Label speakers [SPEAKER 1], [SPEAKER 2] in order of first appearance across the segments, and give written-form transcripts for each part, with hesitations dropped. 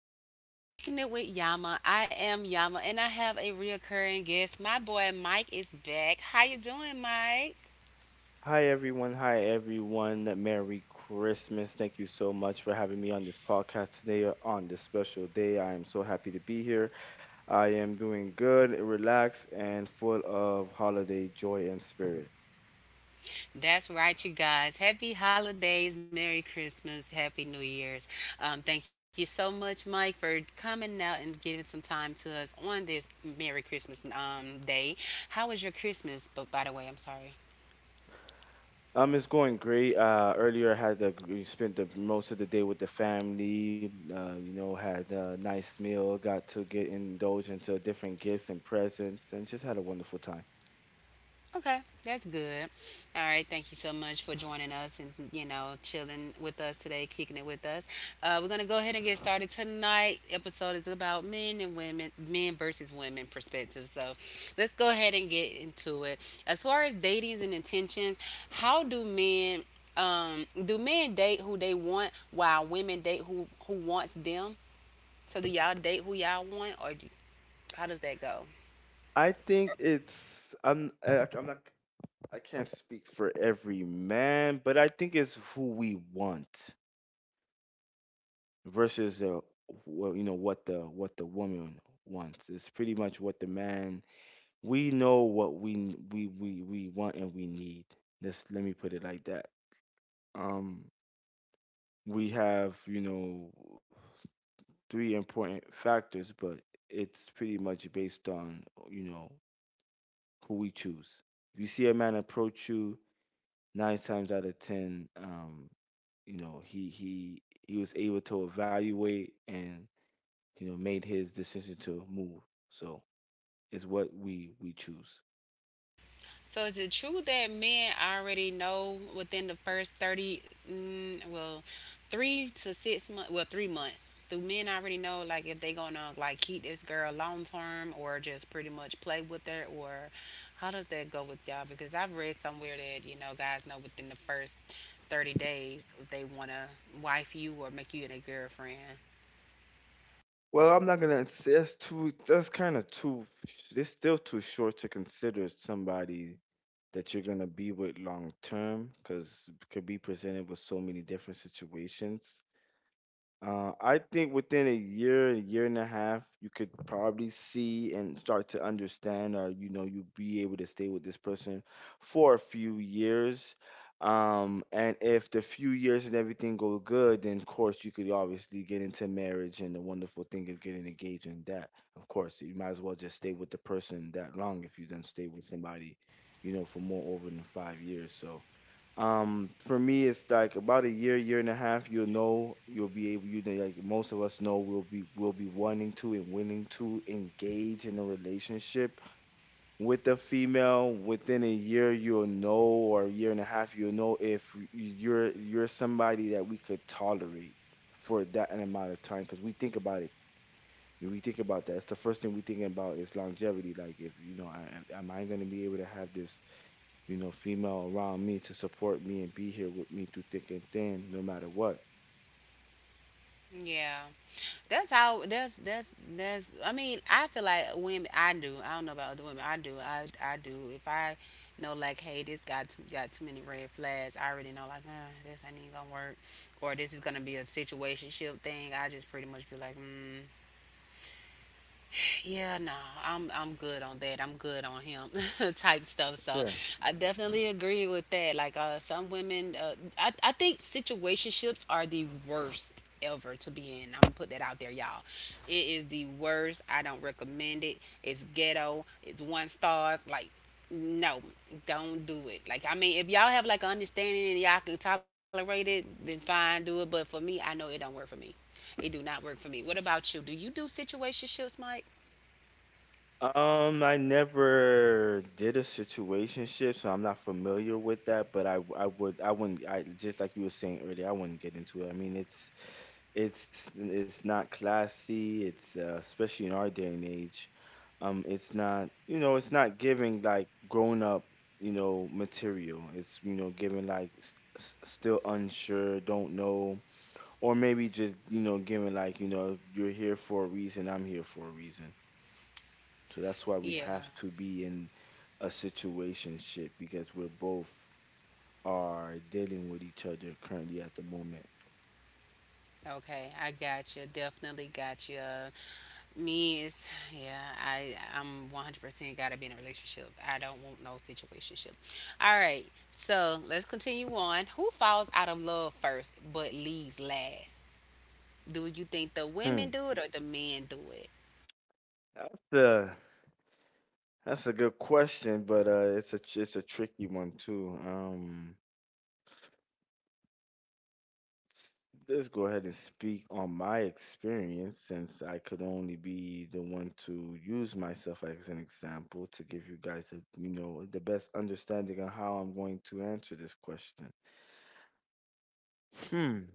[SPEAKER 1] girl, kicking it with Yama. I am Yama, and I have a reoccurring guest. My boy Mike is back. How you doing, Mike?
[SPEAKER 2] Hi everyone, Merry Christmas. Thank you so much for having me on this podcast today, on this special day. I am so happy to be here. I am doing good, relaxed, and full of holiday joy and spirit.
[SPEAKER 1] That's right, you guys. Happy holidays, Merry Christmas, Happy New Year's. Thank you so much, Mike, for coming out and giving some time to us on this Merry Christmas day. How was your Christmas? But by the way, I'm sorry.
[SPEAKER 2] It's going great. Earlier we spent the most of the day with the family. Had a nice meal, got to get indulged into different gifts and presents, and just had a wonderful time.
[SPEAKER 1] Okay, that's good. All right, thank you so much for joining us and chilling with us today, kicking it with us. We're gonna go ahead and get started tonight. Episode is about men and women, men versus women perspective. So let's go ahead and get into it. As far as datings and intentions, how do men date who they want while women date who wants them? So do y'all date who y'all want, how does that go?
[SPEAKER 2] I think it's I'm I, I'm not I can't speak for every man, but I think it's who we want versus, well, you know what the woman wants. It's pretty much what the man. We know what we want and we need. Let me put it like that. Um, we have, you know, three important factors, but it's pretty much based on, you know, who we choose. If you see a man approach you nine times out of ten, you know, he was able to evaluate and, you know, made his decision to move. So it's what we choose.
[SPEAKER 1] So is it true that men already know within the first 30, mm, well, 3 to 6 months, 3 months, do men already know like if they gonna like keep this girl long term or just pretty much play with her or how does that go with y'all? Because I've read somewhere that, guys know within the first 30 days if they wanna wife you or make you their girlfriend.
[SPEAKER 2] Well, I'm not gonna say. That's kind of too. It's still too short to consider somebody that you're gonna be with long term, because could be presented with so many different situations. I think within a year and a half, you could probably see and start to understand, or you know, you'll be able to stay with this person for a few years. And if the few years and everything go good, then of course you could obviously get into marriage and the wonderful thing of getting engaged in that. Of course, you might as well just stay with the person that long if you don't stay with somebody, you know, for more over than 5 years. So, for me, it's like about a year, year and a half. You'll know, you'll be able, you know, like most of us know, we'll be wanting to and willing to engage in a relationship with a female. Within a year, you'll know, or a year and a half, you'll know if you're somebody that we could tolerate for that an amount of time. Because we think about it, we think about that. It's the first thing we think about is longevity. Like, if you know, I, am I going to be able to have this, you know, female around me to support me and be here with me through thick and thin, no matter what?
[SPEAKER 1] Yeah. That's how that's I mean, I feel like women I do. I don't know about other women. I do. I do. If I know like, hey, this guy too, got too many red flags, I already know like, this ain't even gonna work or this is gonna be a situationship thing. I just pretty much be like, yeah, no, I'm good on that. I'm good on him type stuff.
[SPEAKER 2] Yeah.
[SPEAKER 1] So I definitely agree with that. Like some women, I think situationships are the worst ever to be in. I'm gonna put that out there, y'all. It is the worst. I don't recommend it. It's ghetto. It's one stars. Like no, don't do it. Like I mean, if y'all have like an understanding and y'all can tolerate it, then fine, do it. But for me, I know it don't work for me. It do not work for me. What about you? Do you do situationships, Mike?
[SPEAKER 2] I never did a situationship, so I'm not familiar with that. But I, w- I would, I wouldn't, I just like you were saying earlier, I wouldn't get into it. I mean, it's not classy. It's, especially in our day and age, it's not, you know, it's not giving like grown up, you know, material. It's, you know, giving like still unsure, don't know, or maybe just, you know, giving like, you know, you're here for a reason, I'm here for a reason, so that's why we
[SPEAKER 1] Yeah.
[SPEAKER 2] have to be in a situation ship because we're both are dealing with each other currently at the moment.
[SPEAKER 1] Okay. I got you. Definitely got you. Me is yeah. I'm 100% gotta be in a relationship. I don't want no situationship. All right. So let's continue on. Who falls out of love first but leaves last? Do you think the
[SPEAKER 2] hmm
[SPEAKER 1] women do it or the men do it?
[SPEAKER 2] that's a that's a good question, but it's a tricky one too. Let's go ahead and speak on my experience since I could only be the one to use myself as an example to give you guys a, you know, the best understanding on how I'm going to answer this question. Hmm.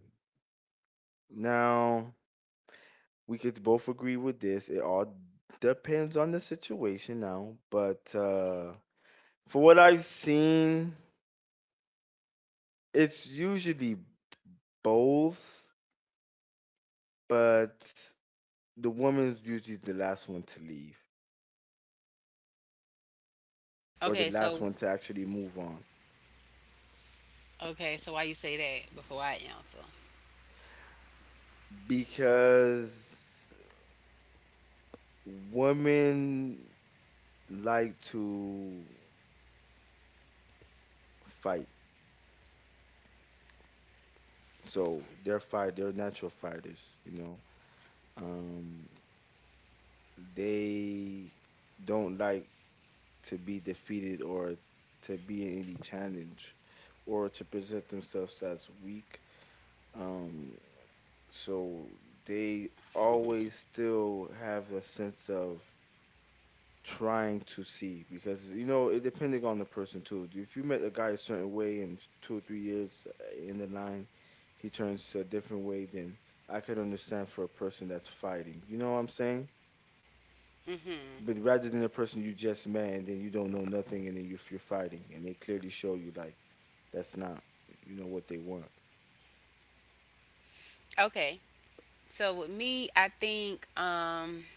[SPEAKER 2] Now, we could both agree with this. It all depends on the situation now, but for what I've seen, it's usually both, but the woman's usually the last one to leave, or the
[SPEAKER 1] Okay.
[SPEAKER 2] last one to actually move on,
[SPEAKER 1] So why you say that before I answer?
[SPEAKER 2] because women like to fight. They're natural fighters. You know, um, they don't like to be defeated or to be in any challenge or to present themselves as weak. Um, so they always still have a sense of trying to see, because you know it depending on the person too. If you met a guy a certain way in 2 or 3 years, in the line, he turns a different way, then I could understand for a person that's fighting. You know what I'm saying?
[SPEAKER 1] Mm-hmm.
[SPEAKER 2] But rather than a person you just met and then you don't know nothing and then you're fighting and they clearly show you like that's not, you know, what they want.
[SPEAKER 1] Okay. So with me, I think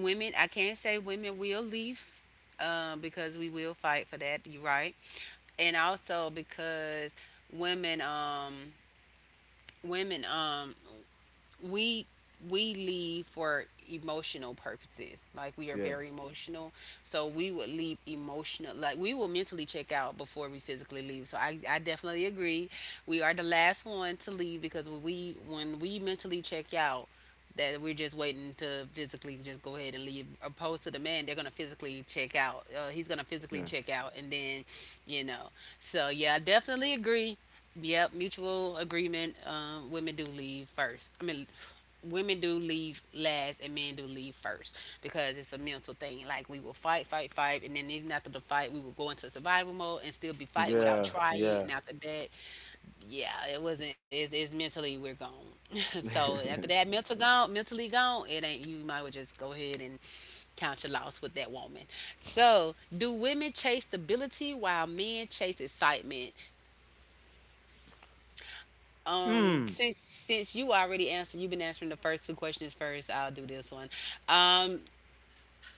[SPEAKER 1] women, I can't say women will leave, because we will fight for that. You're right. And also because women um women um we we leave for emotional purposes. Like we are
[SPEAKER 2] Yeah,
[SPEAKER 1] very emotional. So we would leave emotional like we will mentally check out before we physically leave. So I definitely agree. We are the last one to leave because when we mentally check out, that we're just waiting to physically just go ahead and leave, opposed to the man. They're gonna physically check out, he's gonna physically
[SPEAKER 2] yeah,
[SPEAKER 1] check out and then you know so yeah, I definitely agree. Yep, mutual agreement. Women do leave first. I mean, women do leave last, and men do leave first because it's a mental thing. Like we will fight, fight, fight, and then even after the fight, we will go into survival mode and still be fighting without
[SPEAKER 2] yeah,
[SPEAKER 1] trying.
[SPEAKER 2] yeah.
[SPEAKER 1] And after that, yeah, it wasn't. It's mentally we're gone. So after that, mental gone, mentally gone. It ain't you. Might as well just go ahead and count your loss with that woman. So, do women chase stability while men chase excitement? Um,
[SPEAKER 2] Hmm.
[SPEAKER 1] since since you already answered, you've been answering the first two questions first. I'll do this one. Um,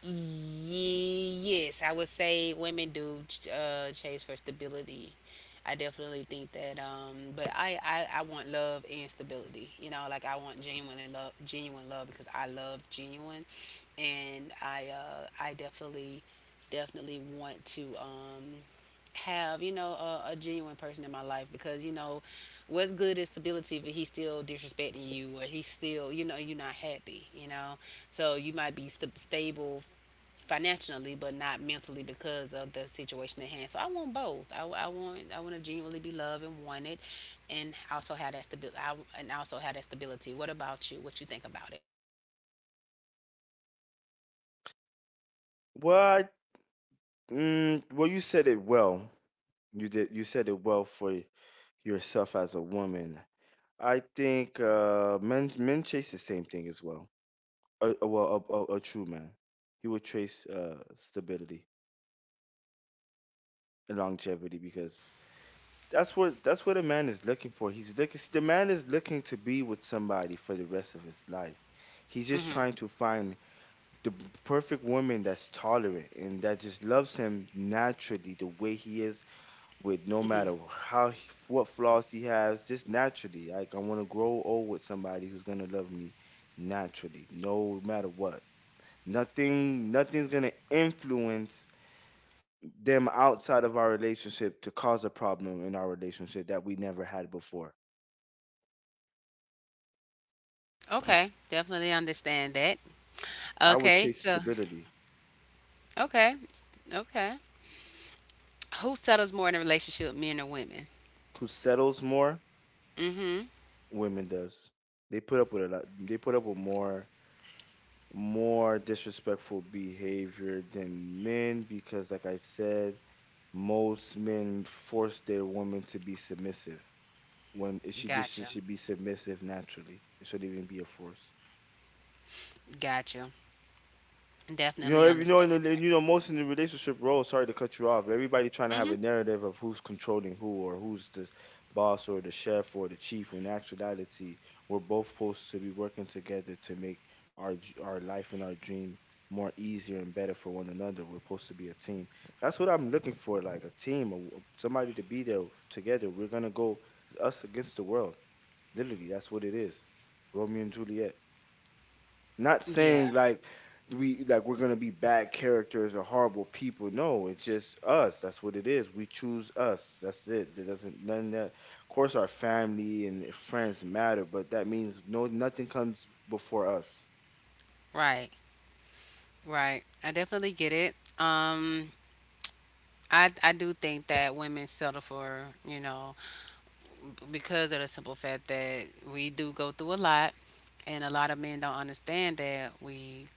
[SPEAKER 1] yes, I would say women do chase for stability. I definitely think that. But I want love and stability. Like I want genuine and love, genuine love because I love genuine, and I definitely definitely want to have a genuine person in my life because what's good is stability if he's still disrespecting you or he's still you're not happy so you might be stable financially but not mentally because of the situation at hand. So I want both. I want to genuinely be loved and wanted and also have that stability what about you? What you think about it?
[SPEAKER 2] Well, I, well, you said it well. You did. You said it well for yourself as a woman. I think, men chase the same thing as well. A true man, he would chase, stability and longevity, because that's what a man is looking for. He's looking. The man is looking to be with somebody for the rest of his life. He's just
[SPEAKER 1] Mm-hmm.
[SPEAKER 2] trying to find the perfect woman that's tolerant and that just loves him naturally the way he is, with no matter
[SPEAKER 1] Mm-hmm.
[SPEAKER 2] how what flaws he has, just naturally. Like I want to grow old with somebody who's gonna love me naturally, no matter what. Nothing, nothing's gonna influence them outside of our relationship to cause a problem in our relationship that we never had before.
[SPEAKER 1] Okay, definitely understand that.
[SPEAKER 2] I would
[SPEAKER 1] Okay.
[SPEAKER 2] chase stability.
[SPEAKER 1] Okay okay. Who settles more in a relationship, men or women?
[SPEAKER 2] Who settles more?
[SPEAKER 1] Mm-hmm.
[SPEAKER 2] Women does. They put up with a lot. They put up with more disrespectful behavior than men because, like I said, most men force their women to be submissive when it
[SPEAKER 1] Gotcha.
[SPEAKER 2] should be submissive naturally. It shouldn't even be a force.
[SPEAKER 1] Gotcha.
[SPEAKER 2] You know,
[SPEAKER 1] Definitely
[SPEAKER 2] every, you know, in
[SPEAKER 1] understand
[SPEAKER 2] the, and,
[SPEAKER 1] that.
[SPEAKER 2] you know, most in the relationship role. Sorry to cut you off. Everybody trying to have
[SPEAKER 1] Hmm.
[SPEAKER 2] a narrative of who's controlling who, or who's the boss, or the chef, or the chief. When in actuality, we're both supposed to be working together to make our our life and our dream more easier and better for one another. We're supposed to be a team. That's what I'm looking for, like a team, a w somebody to be there together. We're gonna go, it's us against the world. Literally, that's what it is. Romeo and Juliet. Not
[SPEAKER 1] Yeah.
[SPEAKER 2] saying like we're gonna be bad characters or horrible people. No, it's just us. That's what it is. We choose us. That's it. That doesn't none of that. Of course, our family and friends matter, but that means no nothing comes before us.
[SPEAKER 1] Right. Right. I definitely get it. I do think that women settle for because of the simple fact that we do go through a lot, and a lot of men don't understand that we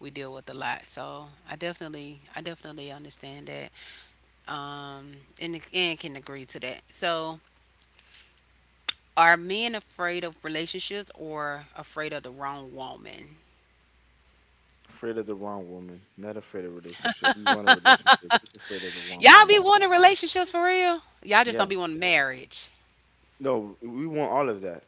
[SPEAKER 1] we deal with a lot. So I definitely understand that. Um, and can agree to that. So are men afraid of relationships or afraid of the wrong woman?
[SPEAKER 2] Afraid of the wrong woman, not afraid of relationship. We want a relationship, just afraid of the wrong
[SPEAKER 1] Y'all be
[SPEAKER 2] woman.
[SPEAKER 1] wanting relationships for real? Y'all just don't
[SPEAKER 2] Yeah.
[SPEAKER 1] be wanting marriage.
[SPEAKER 2] No, we want all of that.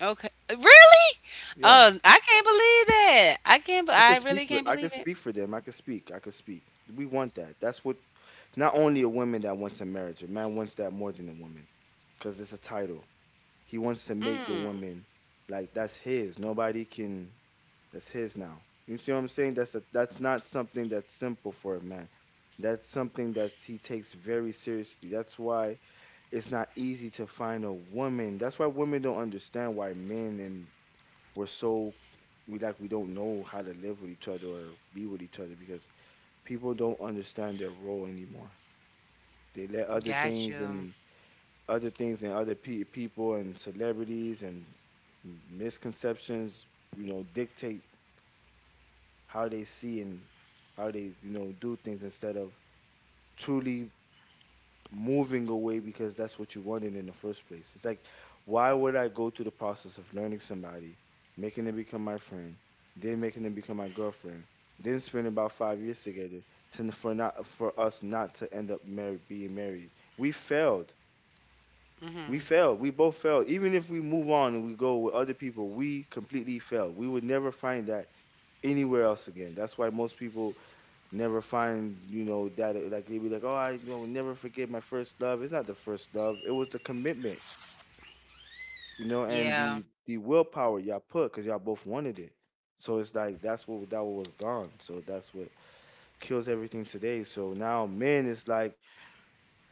[SPEAKER 1] Okay. Really?
[SPEAKER 2] Yeah.
[SPEAKER 1] Oh, I can't believe that.
[SPEAKER 2] I can
[SPEAKER 1] I
[SPEAKER 2] speak
[SPEAKER 1] really
[SPEAKER 2] for
[SPEAKER 1] can't
[SPEAKER 2] I can
[SPEAKER 1] believe it.
[SPEAKER 2] speak for them. I can speak. We want that. That's what, not only a woman that wants a marriage, a man wants that more than a woman. Because it's a title. He wants to make the
[SPEAKER 1] Mm.
[SPEAKER 2] woman like that's his. Nobody can That's his now. You see what I'm saying? That's not something that's simple for a man. That's something that he takes very seriously. That's why it's not easy to find a woman. That's why women don't understand why men and we're so, we don't know how to live with each other or be with each other, because people don't understand their role anymore. They let
[SPEAKER 1] Gotcha. You.
[SPEAKER 2] other things and other people and celebrities and misconceptions, you know, dictate how they see and how they, you know, do things instead of truly moving away, because that's what you wanted in the first place. It's like, why would I go through the process of learning somebody, making them become my friend, then making them become my girlfriend, then spend about 5 years together to, for not for us not to end up married, being married? We failed. We
[SPEAKER 1] Mhm.
[SPEAKER 2] failed. We both failed. Even if we move on and we go with other people, we completely failed. We would never find that anywhere else again. That's why most people never find, you know, that like they be like, oh, I, you know, never forget my first love. It's not the first love. It was the commitment, you know, and
[SPEAKER 1] Yeah.
[SPEAKER 2] the willpower y'all put because y'all both wanted it. So it's like that's what that was gone. So that's what kills everything today. So now men it's like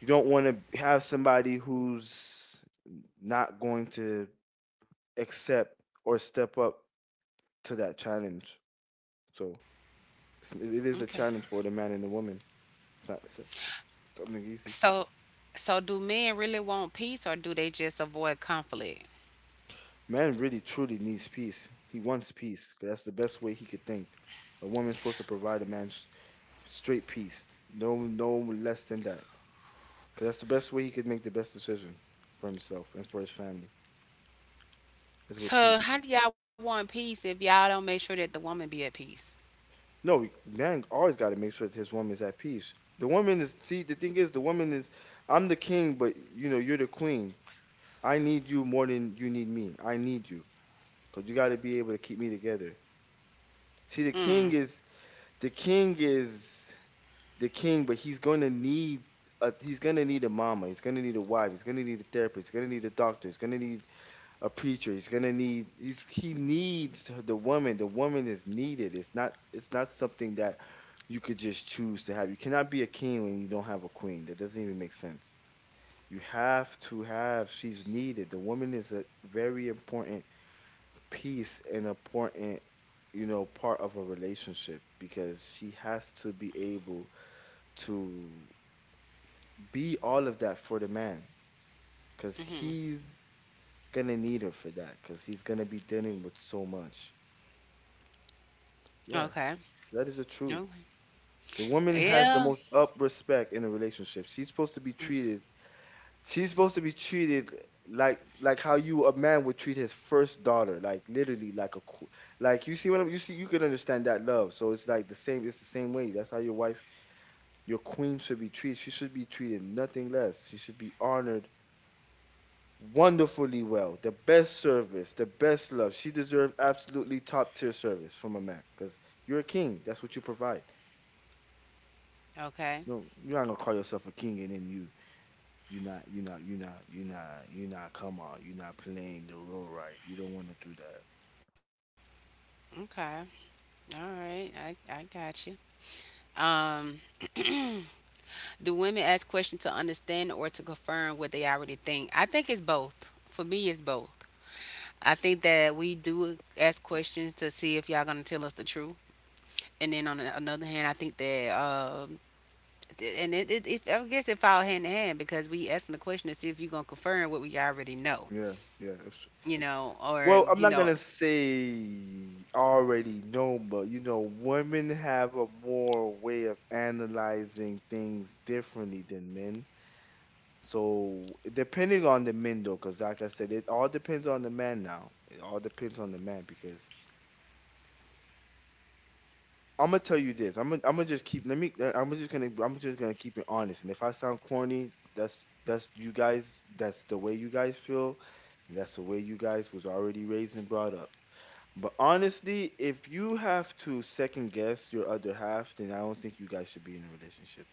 [SPEAKER 2] you don't want to have somebody who's not going to accept or step up to that challenge. So it is a
[SPEAKER 1] Okay.
[SPEAKER 2] challenge for the man and the woman. It's not something easy.
[SPEAKER 1] So so do men really want peace or do they just avoid conflict?
[SPEAKER 2] Man really truly needs peace. He wants peace. 'Cause that's the best way he could think. A woman's supposed to provide a man straight peace. No, no less than that. Because that's the best way he could make the best decisions for himself and for his family is with
[SPEAKER 1] So
[SPEAKER 2] peace.
[SPEAKER 1] how do y'all want peace if y'all don't make sure that the woman be at peace?
[SPEAKER 2] No, man always got to make sure that his woman's at peace. The woman is, see, the thing is, the woman is, I'm the king, but you know, you're the queen. I need you more than you need me. I need you because you got to be able to keep me together. See, the king is, the king is the king, but he's gonna need a, he's gonna need a mama. He's gonna need a wife. He's gonna need a therapist. He's gonna need a doctor. He's gonna need a preacher. He needs the woman. The woman is needed. It's not something that you could just choose to have. You cannot be a king when you don't have a queen. That doesn't even make sense. You have to have she's needed. The woman is a very important piece and important part of a relationship because she has to be able to be all of that for the man because
[SPEAKER 1] Mhm.
[SPEAKER 2] he's gonna need her for that because he's gonna be dealing with so much. Yeah,
[SPEAKER 1] Okay.
[SPEAKER 2] that is the truth.
[SPEAKER 1] Okay.
[SPEAKER 2] The woman has the
[SPEAKER 1] Yeah.
[SPEAKER 2] most up respect in a relationship. She's supposed to be treated. She's supposed to be treated like how you a man would treat his first daughter, like literally like a like you see what you see you can understand that love. So it's like the same. It's the same way. That's how your wife, your queen, should be treated. She should be treated nothing less. She should be honored wonderfully well. The best service, the best love. She deserved absolutely top tier service from a man because you're a king. That's what you provide.
[SPEAKER 1] Okay.
[SPEAKER 2] No, you're not gonna call yourself a king and then you not you not you not you not you not come on. You're not playing the role right. You don't want to do that.
[SPEAKER 1] Okay. All right, I got you. Um, do women ask questions to understand or to confirm what they already think? I think it's both. For me, it's both. I think that we do ask questions to see if y'all gonna tell us the truth, and then on another hand, I think that and it I guess it fall hand in hand because we asking the question to see if you gonna confirm what we already know,
[SPEAKER 2] Yeah, yeah.
[SPEAKER 1] or
[SPEAKER 2] Well, I'm not gonna say already known, but you know, women have a more way of analyzing things differently than men. So depending on the men though, because like I said, it all depends on the man now. It all depends on the man because I'm gonna tell you this. I'm gonna just keep. Let me. I'm just gonna. I'm just gonna keep it honest. And if I sound corny, that's you guys. That's the way you guys feel, and that's the way you guys was already raised and brought up. But honestly, if you have to second guess your other half, then I don't think you guys should be in a relationship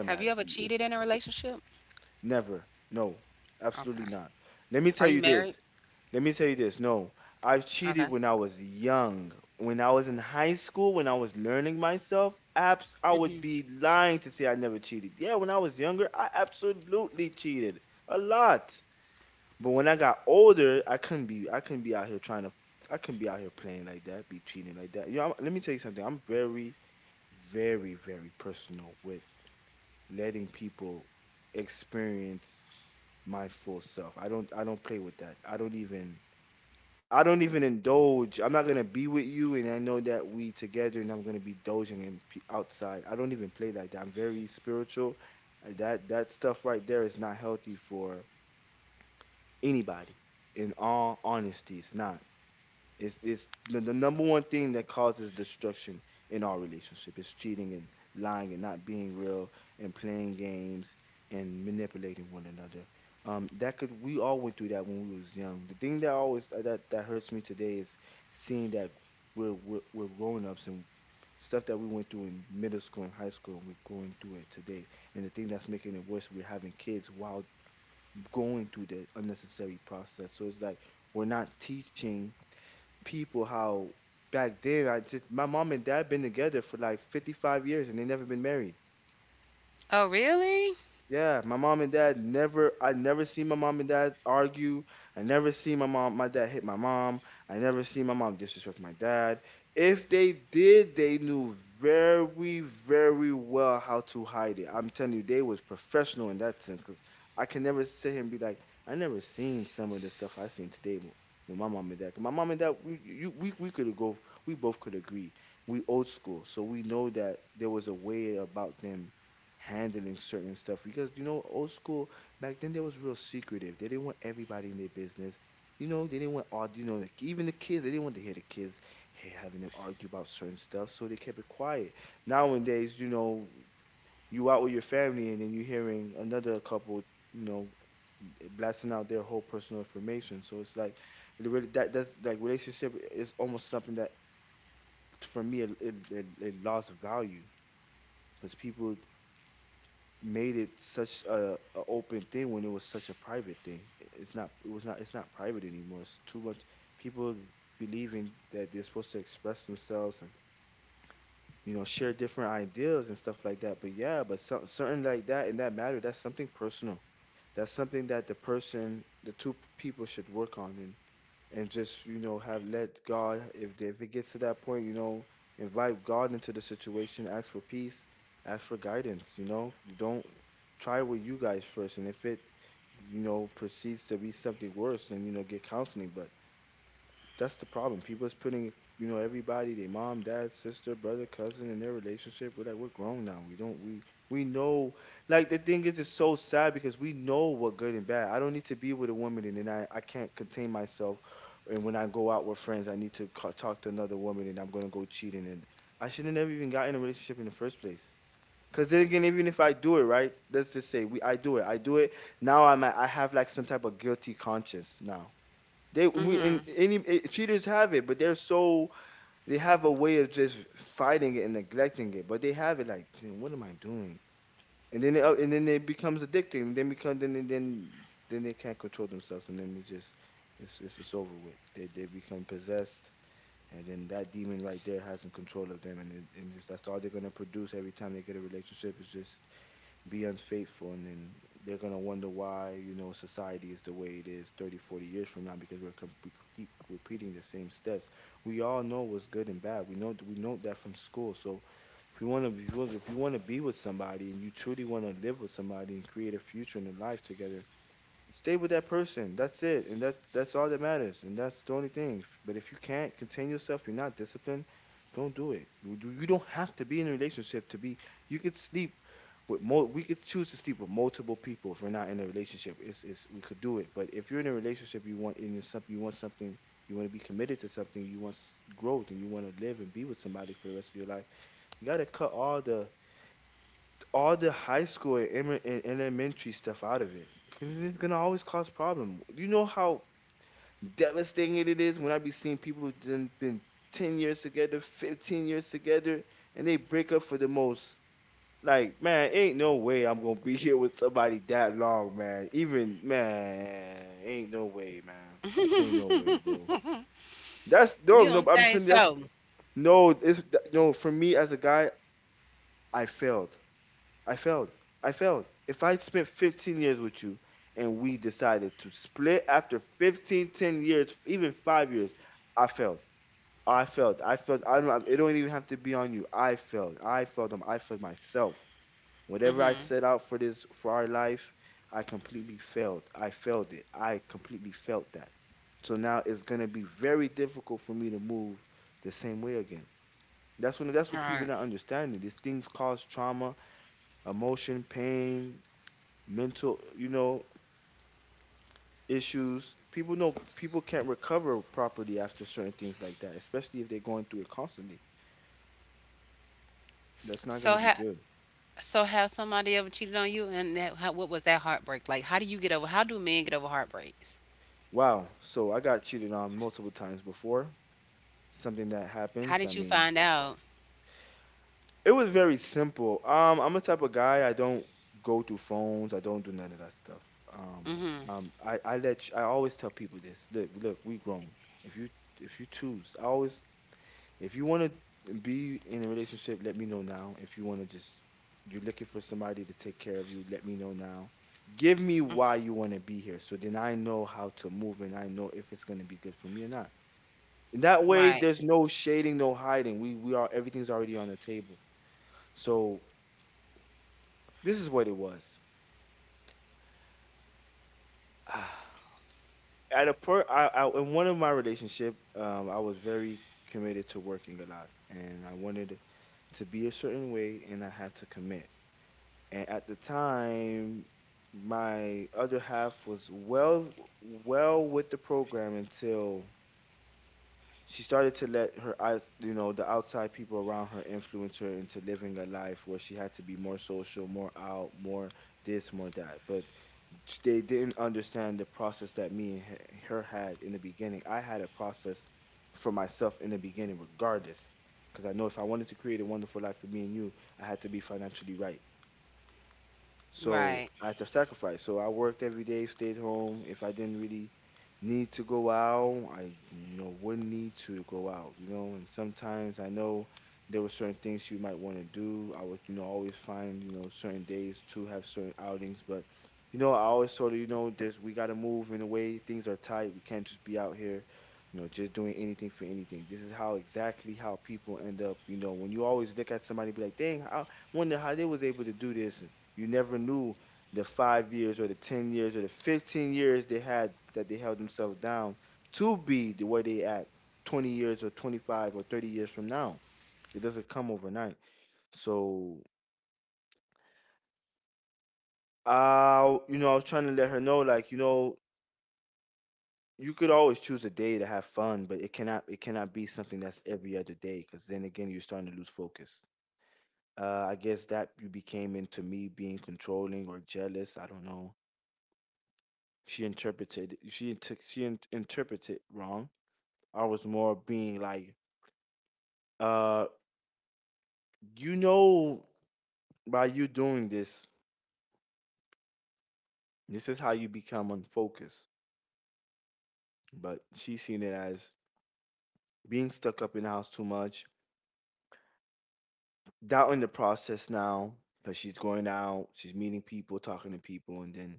[SPEAKER 1] have you ever
[SPEAKER 2] It's
[SPEAKER 1] cheated in a relationship?
[SPEAKER 2] never. No, absolutely
[SPEAKER 1] Okay.
[SPEAKER 2] not. Let me
[SPEAKER 1] Are
[SPEAKER 2] tell
[SPEAKER 1] you
[SPEAKER 2] you this.
[SPEAKER 1] married?
[SPEAKER 2] Let me tell you this. No, I've
[SPEAKER 1] Okay.
[SPEAKER 2] cheated when I was young. When I was in high school, when I was learning myself, abs I would be lying to say I never cheated. Yeah, when I was younger, I absolutely cheated a lot. But when I got older, I couldn't be out here trying to I couldn't be out here playing like that, be cheating like that. You know, let me tell you something. I'm very, very, very personal with letting people experience my full self. I don't play with that. I don't even indulge. I'm not gonna be with you, and I know that we together, and I'm gonna be dozing and outside. I don't even play like that. I'm very spiritual. That that stuff right there is not healthy for anybody. In all honesty, it's not. It's the number one thing that causes destruction in our relationship is cheating and lying and not being real and playing games and manipulating one another. That could We all went through that when we was young. The thing that always that hurts me today is seeing that we're grown ups and stuff that we went through in middle school and high school and we're going through it today, and the thing that's making it worse, we're having kids while going through the unnecessary process, so it's like we're not teaching people how. Back then, I just, my mom and dad been together for like 55 years and they never been married.
[SPEAKER 1] Oh, really?
[SPEAKER 2] Yeah, my mom and dad never I never see my mom and dad argue. I never see my dad hit my mom. I never see my mom disrespect my dad. If they did, they knew very, very well how to hide it. I'm telling you, they was professional in that sense because I can never sit here and be like, I never seen some of the stuff I seen today with my mom and dad. 'Cause my mom and dad, we could go, we both could agree. We old school, so we know that there was a way about them handling certain stuff because you know old school back then they was real secretive. They didn't want everybody in their business. You know, they didn't want all, you know, like even the kids, they didn't want to hear the kids having them argue about certain stuff, so they kept it quiet. Nowadays, you know, you out with your family and then you're hearing another couple, you know, blasting out their whole personal information. So it's like it really, that that's like relationship is almost something that for me it lost value because people made it such a open thing when it was such a private thing. It's not private anymore. It's too much people believing that they're supposed to express themselves and, you know, share different ideas and stuff like that. But yeah, but certain like that in that matter, that's something personal. That's something that the two people should work on and just, you know, have, let God, if it gets to that point, you know, invite God into the situation, ask for peace, ask for guidance. You know, you don't try with you guys first, and if it, you know, proceeds to be something worse, then you know, get counseling. But that's the problem. People is putting, you know, everybody, their mom, dad, sister, brother, cousin in their relationship. We're like, we're grown now. We don't we know, like the thing is it's so sad because we know what good and bad. I don't need to be with a woman and then I can't contain myself, and when I go out with friends, I need to talk to another woman and I'm gonna go cheating, and I should have never even got in a relationship in the first place. Cause then again, even if I do it right, let's just say we I do it. I do it. Now I have like some type of guilty conscience now. They we, and
[SPEAKER 1] Mm-hmm.
[SPEAKER 2] any eh, Cheaters have it, but they're so, they have a way of just fighting it and neglecting it. But they have it like, "Damn, what am I doing?" And then and then it becomes addicting. And then become then they can't control themselves, and then it just it's over with. They become possessed, and then that demon right there has in control of them, and it, and just that's all they're gonna produce every time they get a relationship is just be unfaithful, and then they're going to wonder why, you know, society is the way it is 30, 40 years from now because we keep repeating the same steps. We all know what's good and bad. We know that from school. So if you want to if you want to be with somebody and you truly want to live with somebody and create a future and a life together, stay with that person. That's it. And that's all that matters. And that's the only thing. But if you can't contain yourself, you're not disciplined, don't do it. You don't have to be in a relationship to be, you could sleep with more we could choose to sleep with multiple people if we're not in a relationship. It's We could do it. But if you're in a relationship, you want in something, you want something, you want to be committed to something, you want growth, and you want to live and be with somebody for the rest of your life. You got to cut all the high school and, and elementary stuff out of it because it's gonna always cause problem. You know how devastating it is when I be seeing people done been 10 years together, 15 years together, and they break up for the most. Like man, ain't no way I'm gonna be here with somebody that long, man. Even man, ain't no way, man. Ain't no way, bro. That's no,
[SPEAKER 1] You
[SPEAKER 2] no.
[SPEAKER 1] don't
[SPEAKER 2] I'm
[SPEAKER 1] think
[SPEAKER 2] telling you, that's
[SPEAKER 1] so?
[SPEAKER 2] no. It's no. For me as a guy, I failed. I failed. I failed. If I spent 15 years with you and we decided to split after 15, 10 years, even five years, I failed. I failed. I don't, it don't even have to be on you. I failed them. I failed myself. Whatever I
[SPEAKER 1] Mm-hmm.
[SPEAKER 2] set out for this, for our life, I completely failed. I failed it. I completely felt that. So now it's going to be very difficult for me to move the same way again. That's when that's
[SPEAKER 1] All
[SPEAKER 2] what people
[SPEAKER 1] right.
[SPEAKER 2] not understanding. These things cause trauma, emotion, pain, mental, issues. People know people can't recover properly after certain things like that, especially if they're going through it constantly. That's not going
[SPEAKER 1] So
[SPEAKER 2] to be
[SPEAKER 1] ha-
[SPEAKER 2] good.
[SPEAKER 1] so have somebody ever cheated on you, and what was that heartbreak like? How do you get over? How do men get over heartbreaks?
[SPEAKER 2] Wow. So I got cheated on multiple times before. Something that
[SPEAKER 1] How
[SPEAKER 2] happens. I
[SPEAKER 1] did you
[SPEAKER 2] mean,
[SPEAKER 1] find out?
[SPEAKER 2] it was very simple. I'm a type of guy. I don't go through phones. I don't do none of that stuff. Um,
[SPEAKER 1] Mm-hmm.
[SPEAKER 2] I let you, I always tell people this. Look, look, we grown. If you if you choose, I always if you want to be in a relationship, let me know now. If you want to just, you're looking for somebody to take care of you, let me know now. Give me why you want to be here so then I know how to move and I know if it's going to be good for me or not. And that way,
[SPEAKER 1] Right.
[SPEAKER 2] there's no shading, no hiding. We are, everything's already on the table. So this is what it was. At a per, I, in one of my relationship, I was very committed to working a lot and I wanted to be a certain way and I had to commit. And at the time my other half was well with the program until she started to let her eyes, you know, the outside people around her influence her into living a life where she had to be more social, more out, more this, more that. But they didn't understand the process that me and her had in the beginning. I had a process for myself in the beginning, regardless, because I know if I wanted to create a wonderful life for me and you, I had to be financially right. So
[SPEAKER 1] Right.
[SPEAKER 2] I had to sacrifice. So I worked every day, stayed home. If I didn't really need to go out, I, you know, wouldn't need to go out, you know. And sometimes I know there were certain things you might want to do. I would, you know, always find, you know, certain days to have certain outings. But, you know, I always sort of, you know, there's we gotta move in a way, things are tight. We can't just be out here, you know, just doing anything for anything. This is how exactly how people end up, you know. When you always look at somebody be like, dang, I wonder how they was able to do this, you never knew the five years or the 10 years or the 15 years they had that they held themselves down to be the way they act 20 years or 25 or 30 years from now. It doesn't come overnight. So you know, I was trying to let her know like, you know, you could always choose a day to have fun, but it cannot be something that's every other day because then again you're starting to lose focus. I guess that you became into me being controlling or jealous. I don't know, she interpreted she took she in, interpreted wrong. I was more being like, uh, you know, by you doing this, this is how you become unfocused. But she seen it as being stuck up in the house too much, doubting the process now because she's going out, she's meeting people, talking to people. And then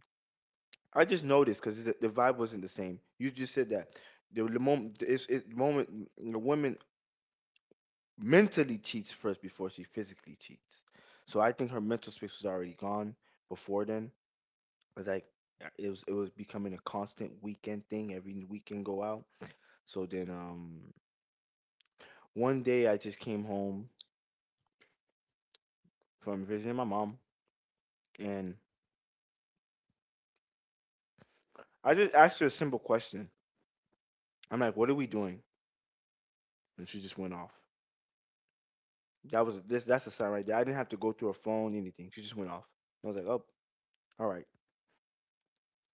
[SPEAKER 2] I just noticed because the vibe wasn't the same. You just said that the moment the women mentally cheats first before she physically cheats. So I think her mental space was already gone before then, because like it was becoming a constant weekend thing. Every weekend go out. So then one day I just came home from visiting my mom, and I just asked her a simple question. I'm like, "What are we doing?" And she just went off. That was this. That's a sign right there. I didn't have to go through her phone, anything. She just went off. And I was like, "Oh, all right.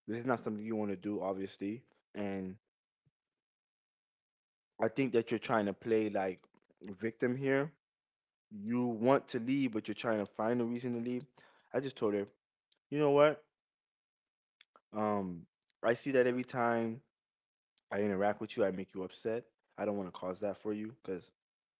[SPEAKER 2] This is not something you want to do, obviously." And I think that you're trying to play like victim here. You want to leave, but you're trying to find a reason to leave. I just told her, you know what? Um, I see that every time I interact with you, I make you upset. I don't want to cause that for you because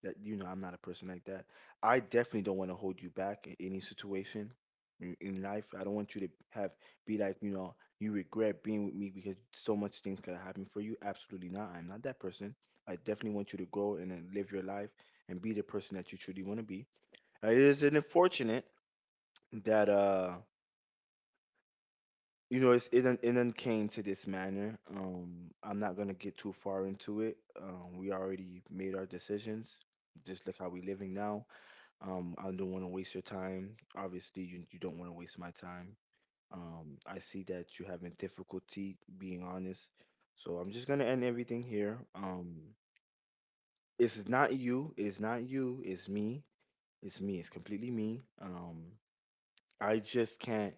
[SPEAKER 2] that, you know, I'm not a person like that. I definitely don't want to hold you back in any situation in life. I don't want you to have be like, you know, you regret being with me because so much things could have happened for you. Absolutely not. I'm not that person. I definitely want you to grow and then live your life and be the person that you truly want to be. It is unfortunate that you know, it done came to this manner. I'm not gonna get too far into it. We already made our decisions. Just like how we living now. I don't want to waste your time. Obviously, you don't want to waste my time. I see that you having difficulty being honest. So I'm just gonna end everything here. It's not you. It's not you. It's me. It's me. It's completely me. I just can't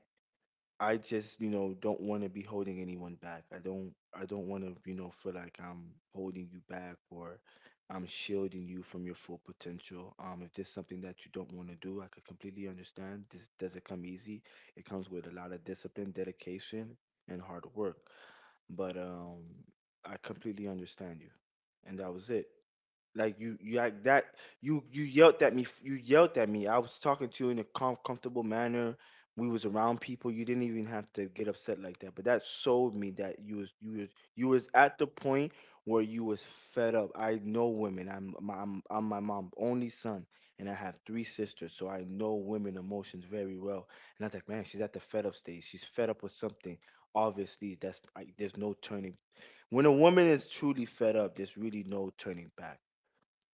[SPEAKER 2] I just, you know, don't want to be holding anyone back. I don't want to, you know, feel like I'm holding you back or I'm shielding you from your full potential. If there's something that you don't want to do, I could completely understand. This doesn't come easy. It comes with a lot of discipline, dedication, and hard work. But I completely understand you. And that was it. Like you like that. You yelled at me. You yelled at me. I was talking to you in a comfortable manner. We was around people. You didn't even have to get upset like that. But that showed me that you was at the point where you was fed up. I know women. I'm my mom only son, and I have three sisters, so I know women emotions very well. And I was like, man, she's at the fed up stage. She's fed up with something. Obviously, that's like there's no turning. When a woman is truly fed up, there's really no turning back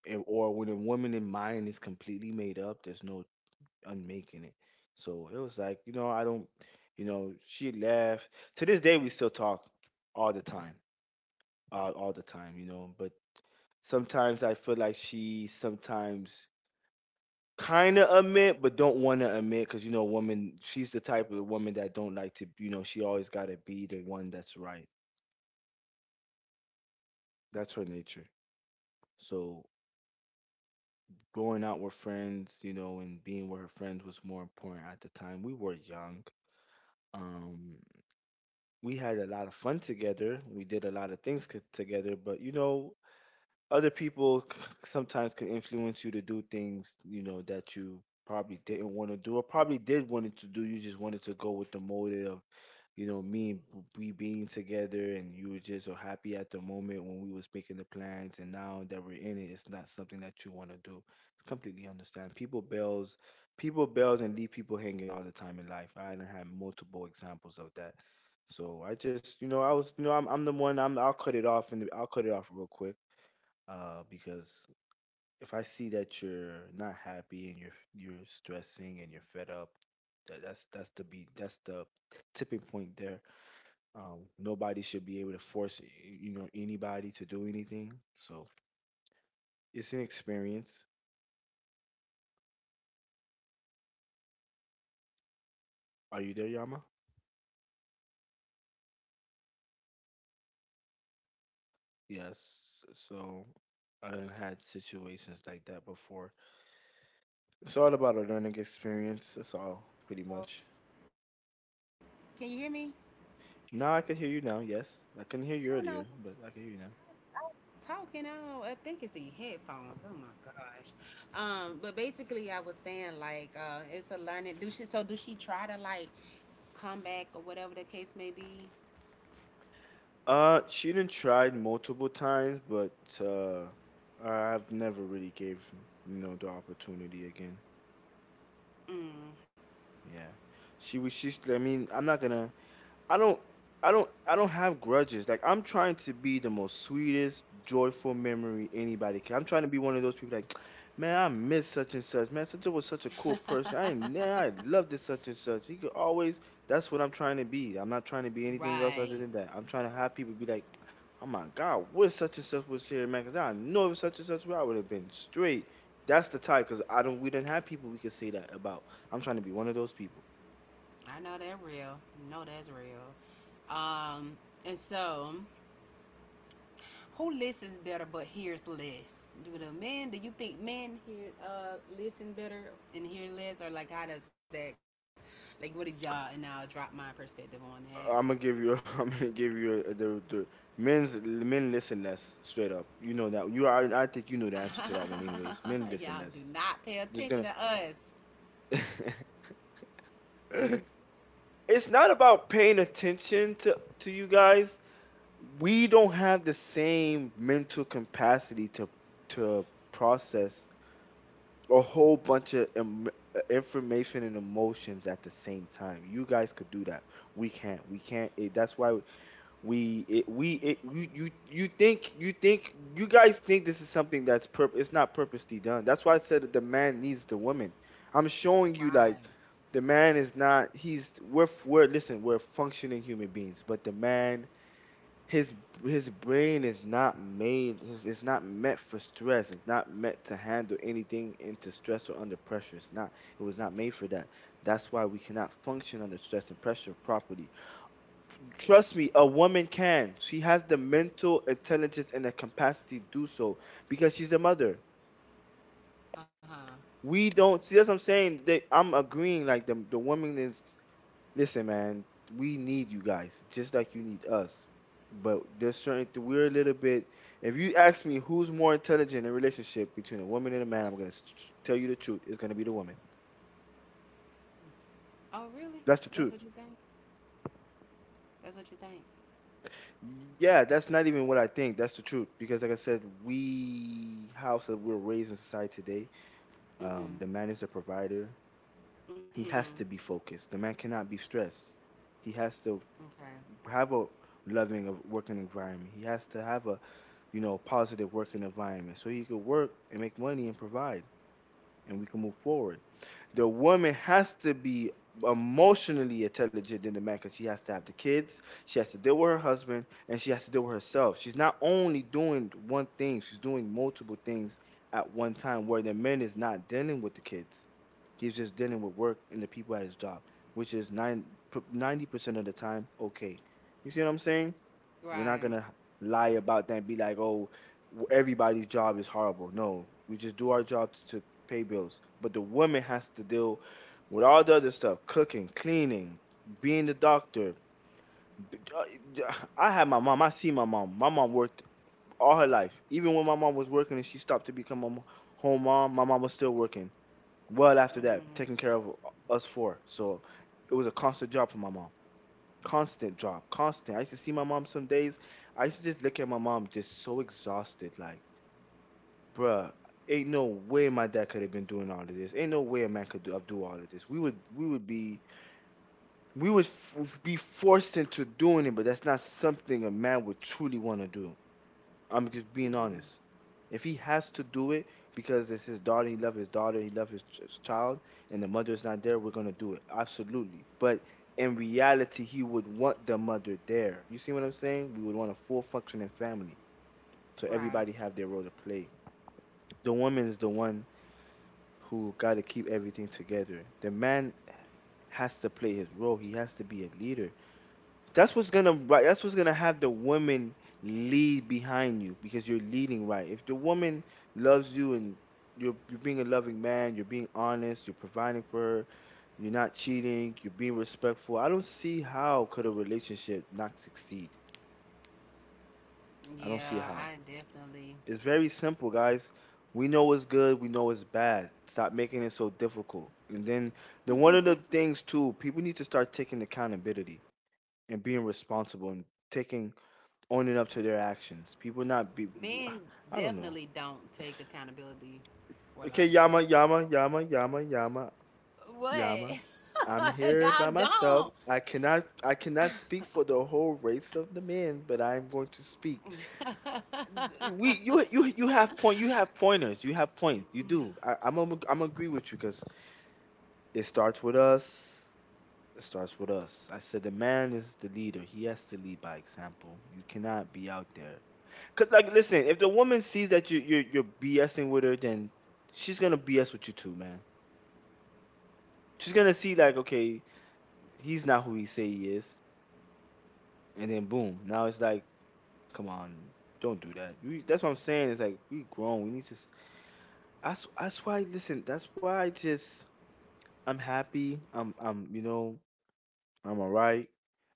[SPEAKER 2] and- or when a woman in mind is completely made up, there's no unmaking it. So it was like, you know, I don't, you know, she left. To this day, we still talk all the time, all the time, you know. But sometimes I feel like she sometimes kind of admit, but don't want to admit, because you know, woman, she's the type of woman that don't like to, you know, she always gotta be the one that's right. That's her nature. So going out with friends, you know, and being with her friends was more important at the time. We were young. Um, we had a lot of fun together. We did a lot of things together. But you know, other people sometimes can influence you to do things, you know, that you probably didn't want to do or probably did wanted to do. You just wanted to go with the motive. You know, we being together and you were just so happy at the moment when we was making the plans and now that we're in it, it's not something that you want to do. It's completely understand. People bails and leave people hanging all the time in life. I done had multiple examples of that. So I just, you know, I'm the one. I'll cut it off and I'll cut it off real quick, because if I see that you're not happy and you're stressing and you're fed up, that's the tipping point there. Nobody should be able to force anybody to do anything. So it's an experience. Are you there, Yama? Yes. So I done had situations like that before. It's all about a learning experience. That's all, pretty much. Now I can hear you now. Yes, I couldn't hear you earlier, but I can hear you now. She done tried multiple times, but uh, I've never really gave the opportunity again. Yeah, she was. She's. I mean, I'm not gonna. I don't I don't have grudges. Like, I'm trying to be the most sweetest, joyful memory anybody can. I'm trying to be one of those people like, man, I miss such and such. Man, such a cool person. I man, I loved this such and such. He could always. That's what I'm trying to be. I'm not trying to be anything else other than that. I'm trying to have people be like, oh my God, what such and such was here, man? Cause I know if such and such were, I would have been straight. That's the type, cause I don't. We didn't have people we could say that about. I'm trying to be one of those people. I'm gonna give you. I'm gonna give you a, the men's men listen less straight up. You know that you are. I think you know the answer to that one, anyways. Men listen less. Just gonna. It's not about paying attention to you guys. We don't have the same mental capacity to process a whole bunch of information and emotions at the same time. You guys could do that. We can't. We can't. That's why you you you think you think you guys think this is something it's not purposely done. That's why I said that the man needs the woman. I'm showing you like the man is not he's. We're f- we're listen we're functioning human beings, but the man. His his brain is not made. It's not meant for stress. It's not meant to handle anything into stress or under pressure. It's not. It was not made for that. That's why we cannot function under stress and pressure properly. Trust me, a woman can. She has the mental intelligence and the capacity to do so because she's a mother. We don't see that's what I'm saying. I'm agreeing. Like, the woman is. Listen, man, we need you guys just like you need us. But there's we're a little bit. If you ask me who's more intelligent in a relationship between a woman and a man, I'm gonna tell you the truth. It's gonna be the woman. That's the truth. Yeah, that's not even what I think. That's the truth because, like I said, we how so we're raised in society today. The man is a provider. He has to be focused. The man cannot be stressed. He has to have a loving of working environment. He has to have a positive working environment so he could work and make money and provide, and we can move forward. The woman has to be emotionally intelligent than the man because she has to have the kids, she has to deal with her husband, and she has to deal with herself. She's not only doing one thing, she's doing multiple things at one time, where the man is not dealing with the kids. He's just dealing with work and the people at his job, which is nine ninety percent of the time, okay. You see what I'm saying? We're not gonna lie about that and be like, oh, everybody's job is horrible. No, we just do our job to pay bills. But the woman has to deal with all the other stuff: cooking, cleaning, being the doctor. I had my mom. I see my mom. My mom worked all her life. Even when my mom was working and she stopped to become a home mom, my mom was still working. Well after that, taking care of us four. So it was a constant job for my mom. Constant drop, constant. I used to see my mom some days. I used to just look at my mom just so exhausted, like, bruh, ain't no way my dad could have been doing all of this. Ain't no way a man could do do all of this. We would be forced into doing it, but that's not something a man would truly want to do. I'm just being honest. If he has to do it because it's his daughter, he loves his daughter, he loves his child, and the mother's not there, we're gonna do it. Absolutely. But in reality, he would want the mother there. You see what I'm saying? We would want a full functioning family. So everybody have their role to play. The woman is the one who gotta keep everything together. The man has to play his role. He has to be a leader. That's what's gonna right. That's what's gonna have the woman lead behind you because you're leading right. If the woman loves you and you're being a loving man, you're being honest, you're providing for her, you're not cheating, you're being respectful. I don't see how could a relationship not succeed. I don't see how. It's very simple, guys. We know what's good, we know what's bad. Stop making it so difficult. And then one of the things too, people need to start taking accountability and being responsible and taking owning up to their actions. People not be, I don't know. Okay, Yama, Yama, Yama, Yama, Yama, Yama. I'm here by myself. I cannot speak for the whole race of the men, but I am going to speak. You have point, you have pointers, you have points, you do. I'm agree with you because it starts with us. It starts with us. I said the man is the leader. He has to lead by example. You cannot be out there. Cause like, listen, if the woman sees that you're BSing with her, then she's gonna BS with you too, man. She's gonna see like, okay, he's not who he say he is, and then boom, now it's like, come on, don't do that. That's what I'm saying. It's like we grown. We need to. That's why. Listen, that's why I'm happy. I'm I'm alright.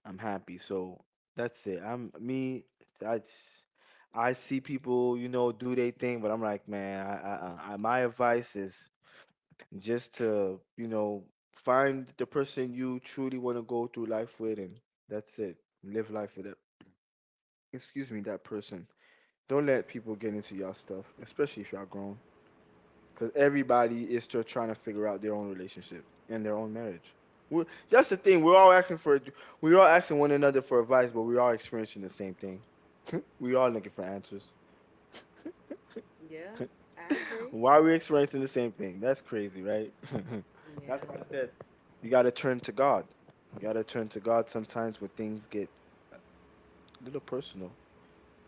[SPEAKER 2] I'm happy. So that's it. I'm me. That's. I see people do their thing, but I'm like, man, I my advice is just to find the person you truly want to go through life with, and that's it. Live life with it. Excuse me, that person. Don't let people get into your stuff, especially if you are grown, because everybody is still trying to figure out their own relationship and their own marriage. That's the thing. We're all asking for. We're all asking one another for advice, but we're all experiencing the same thing. We're all looking for answers. Why we experiencing the same thing? That's crazy, right? That's why I said you gotta turn to God. You gotta turn to God sometimes when things get a little personal,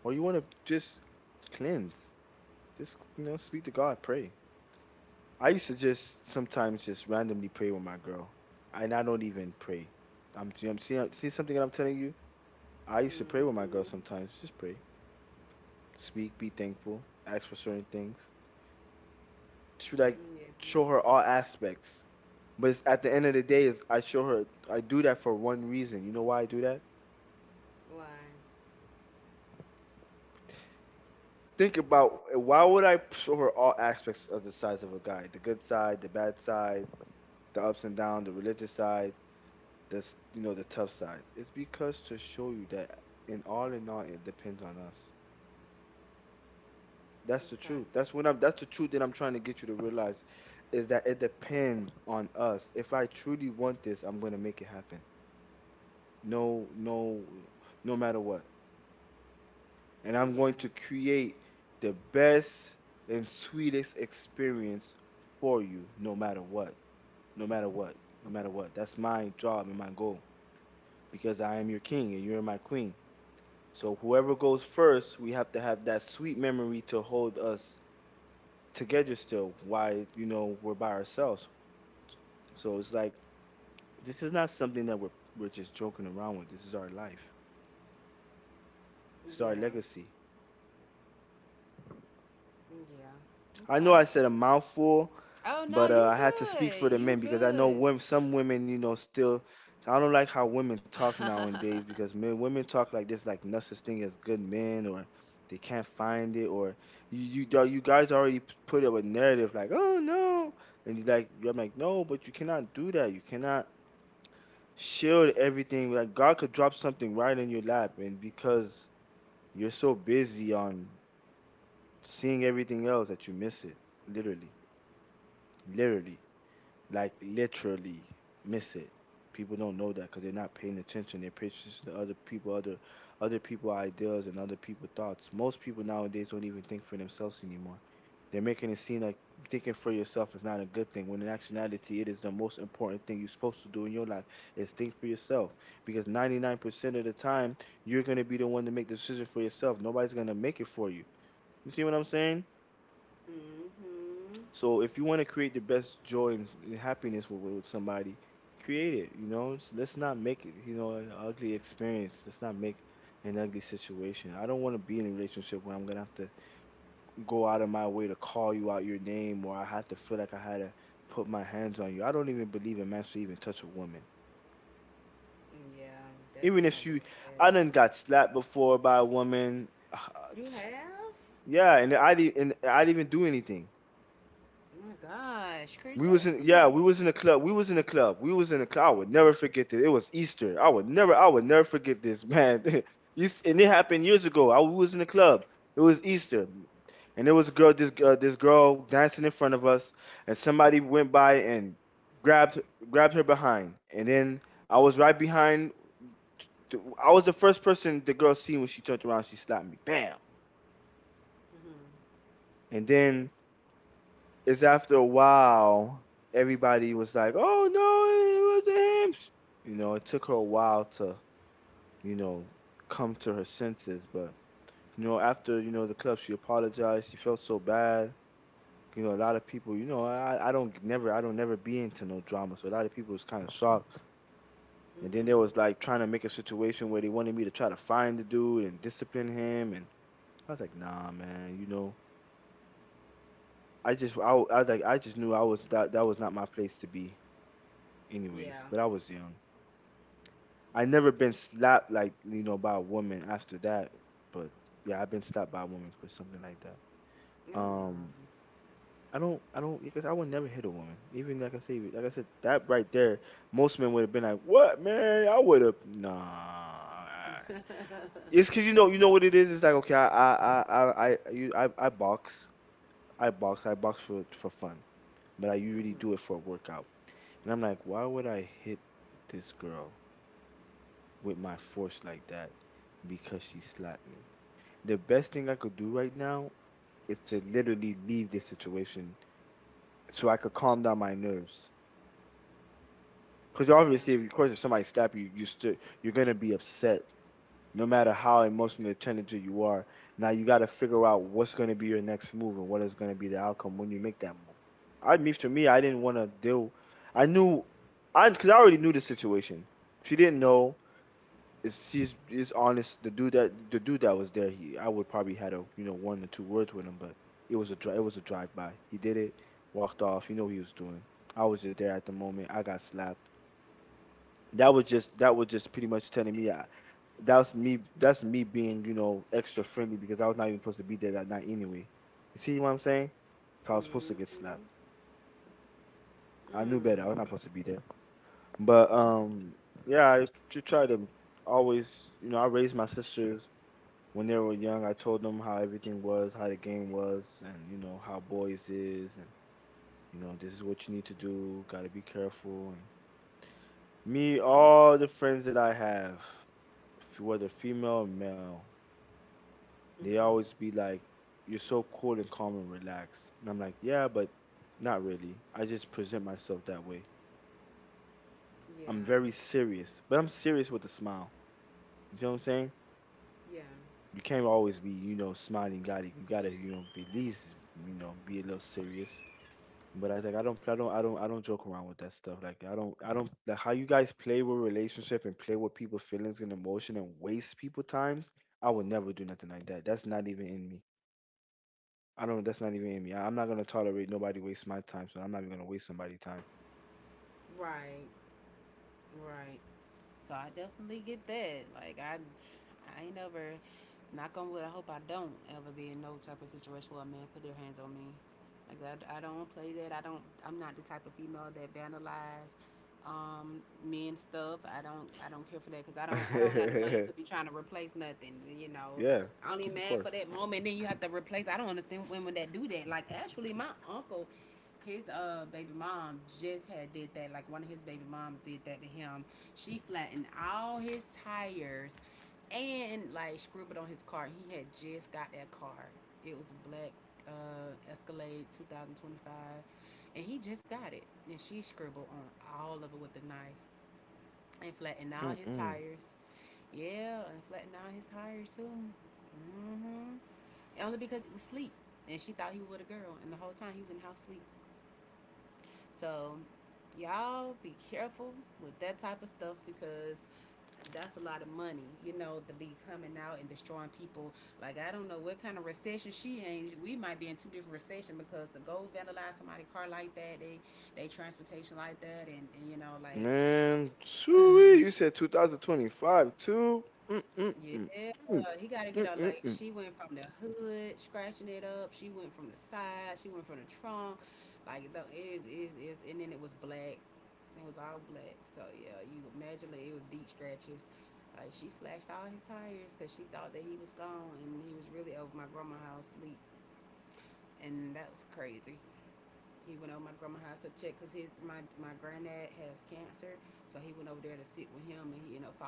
[SPEAKER 2] or you wanna just cleanse. Just, speak to God, pray. I used to just sometimes just randomly pray with my girl, and I don't even pray. I'm see, I'm seeing see something that I'm telling you. I used to pray with my girl sometimes. Just pray, speak, be thankful, ask for certain things. To like show her all aspects. But at the end of the day, is I show her I do that for one reason. You know why I do that? Think about why would I show her all aspects of the sides of a guy: the good side, the bad side, the ups and downs, the religious side, the the tough side. It's because to show you that in all, it depends on us. That's the truth. That's when I'm. That's the truth that I'm trying to get you to realize, is that it depends on us. If I truly want this, I'm gonna make it happen. No, no, no matter what, and I'm going to create the best and sweetest experience for you, no matter what, no matter what, no matter what. That's my job and my goal, because I am your king and you're my queen. So whoever goes first, we have to have that sweet memory to hold us together still why you know we're by ourselves. So it's like, this is not something that we're just joking around with. This is our life, this is our legacy. I know I said a mouthful, but I had to speak for the men, because I know women, some women, you know, still. I don't like how women talk nowadays, because men, women talk like this, like no such thing as good men, or they can't find it, or you guys already put up a narrative like, oh no, and you like, I'm like, no, but you cannot do that. You cannot shield everything. Like God could drop something right in your lap, and because you're so busy on seeing everything else that you miss it, literally, literally. Like literally miss it. People don't know that because they're not paying attention. They're paying attention to other people, other people ideas and other people thoughts. Most people nowadays don't even think for themselves anymore. They're making it seem like thinking for yourself is not a good thing, when in actuality, it is the most important thing you're supposed to do in your life, is think for yourself. Because 99% of the time, you're going to be the one to make the decision for yourself. Nobody's going to make it for you. You see what I'm saying? So if you want to create the best joy and happiness with somebody, create it. You know, let's not make it, you know, an ugly experience. Let's not make an ugly situation. I don't want to be in a relationship where I'm gonna have to go out of my way to call you out your name, or I have to feel like I had to put my hands on you. I don't even believe a man should even touch a woman, even if she. I done got slapped before by a woman. Yeah, and I didn't. And I didn't even do anything. We was in a club. We was in a club. I would never forget this. It was Easter. I would never forget this, man. This, and it happened years ago. I was in the club. It was Easter. And there was a girl this this girl dancing in front of us, and somebody went by and grabbed grabbed her behind. And then I was right behind I was the first person the girl seen. When she turned around, she slapped me. Bam. And then it's after a while, everybody was like, "Oh no, it wasn't him." You know, it took her a while to, you know, come to her senses, but you know, after, you know, the club, she apologized. She felt so bad. You know, a lot of people, you know, I don't never be into no drama, so a lot of people was kind of shocked. And then there was like trying to make a situation where they wanted me to try to find the dude and discipline him, and I was like, "Nah, man, you know, I just knew I was that that was not my place to be." Anyways, but I was young. I never been slapped like, you know, by a woman after that. But yeah, I've been slapped by a woman for something like that. Um, I don't, because I would never hit a woman. Even like I said, that right there, most men would have been like, "What, man? I would have." Nah, it's because you know what it is. It's like, okay, I box, I box for fun, but I usually do it for a workout. And I'm like, why would I hit this girl with my force like that, because she slapped me. The best thing I could do right now is to literally leave this situation so I could calm down my nerves. Because obviously, if, of course, if somebody slap you, you still, you're gonna be upset, no matter how emotionally attentive you are. Now you got to figure out what's gonna be your next move and what is gonna be the outcome when you make that move. I mean, for me, I didn't want to deal. I knew, I because I already knew the situation. She didn't know. Is honest. The dude that was there, he, I would probably had, a you know, one or two words with him, but it was a drive by. He did it, walked off. You know what he was doing. I was just there at the moment. I got slapped. That was just pretty much telling me that was me, that's me being, you know, extra friendly, because I was not even supposed to be there that night anyway. You see what I'm saying? 'Cause I was supposed to get slapped. I knew better. I was not supposed to be there. But yeah, I should try to always, you know. I raised my sisters. When they were young, I told them how everything was, how the game was, and you know how boys is, and you know this is what you need to do. Got to be careful. And me, all the friends that I have, whether female or male, they always be like, "You're so cool and calm and relaxed," and I'm like, "Yeah, but not really. I just present myself that way. I'm very serious, but I'm serious with a smile. You know what I'm saying?" You can't always be, you know, smiling, got it. You gotta, you know, be at least, you know, be a little serious. But I was like, I don't joke around with that stuff. Like I don't like how you guys play with relationship and play with people's feelings and emotion and waste people times. I would never do nothing like that. That's not even in me. I don't. That's not even in me. I'm not gonna tolerate nobody waste my time. So I'm not even gonna waste somebody's time. Yeah, of course. Mm-mm.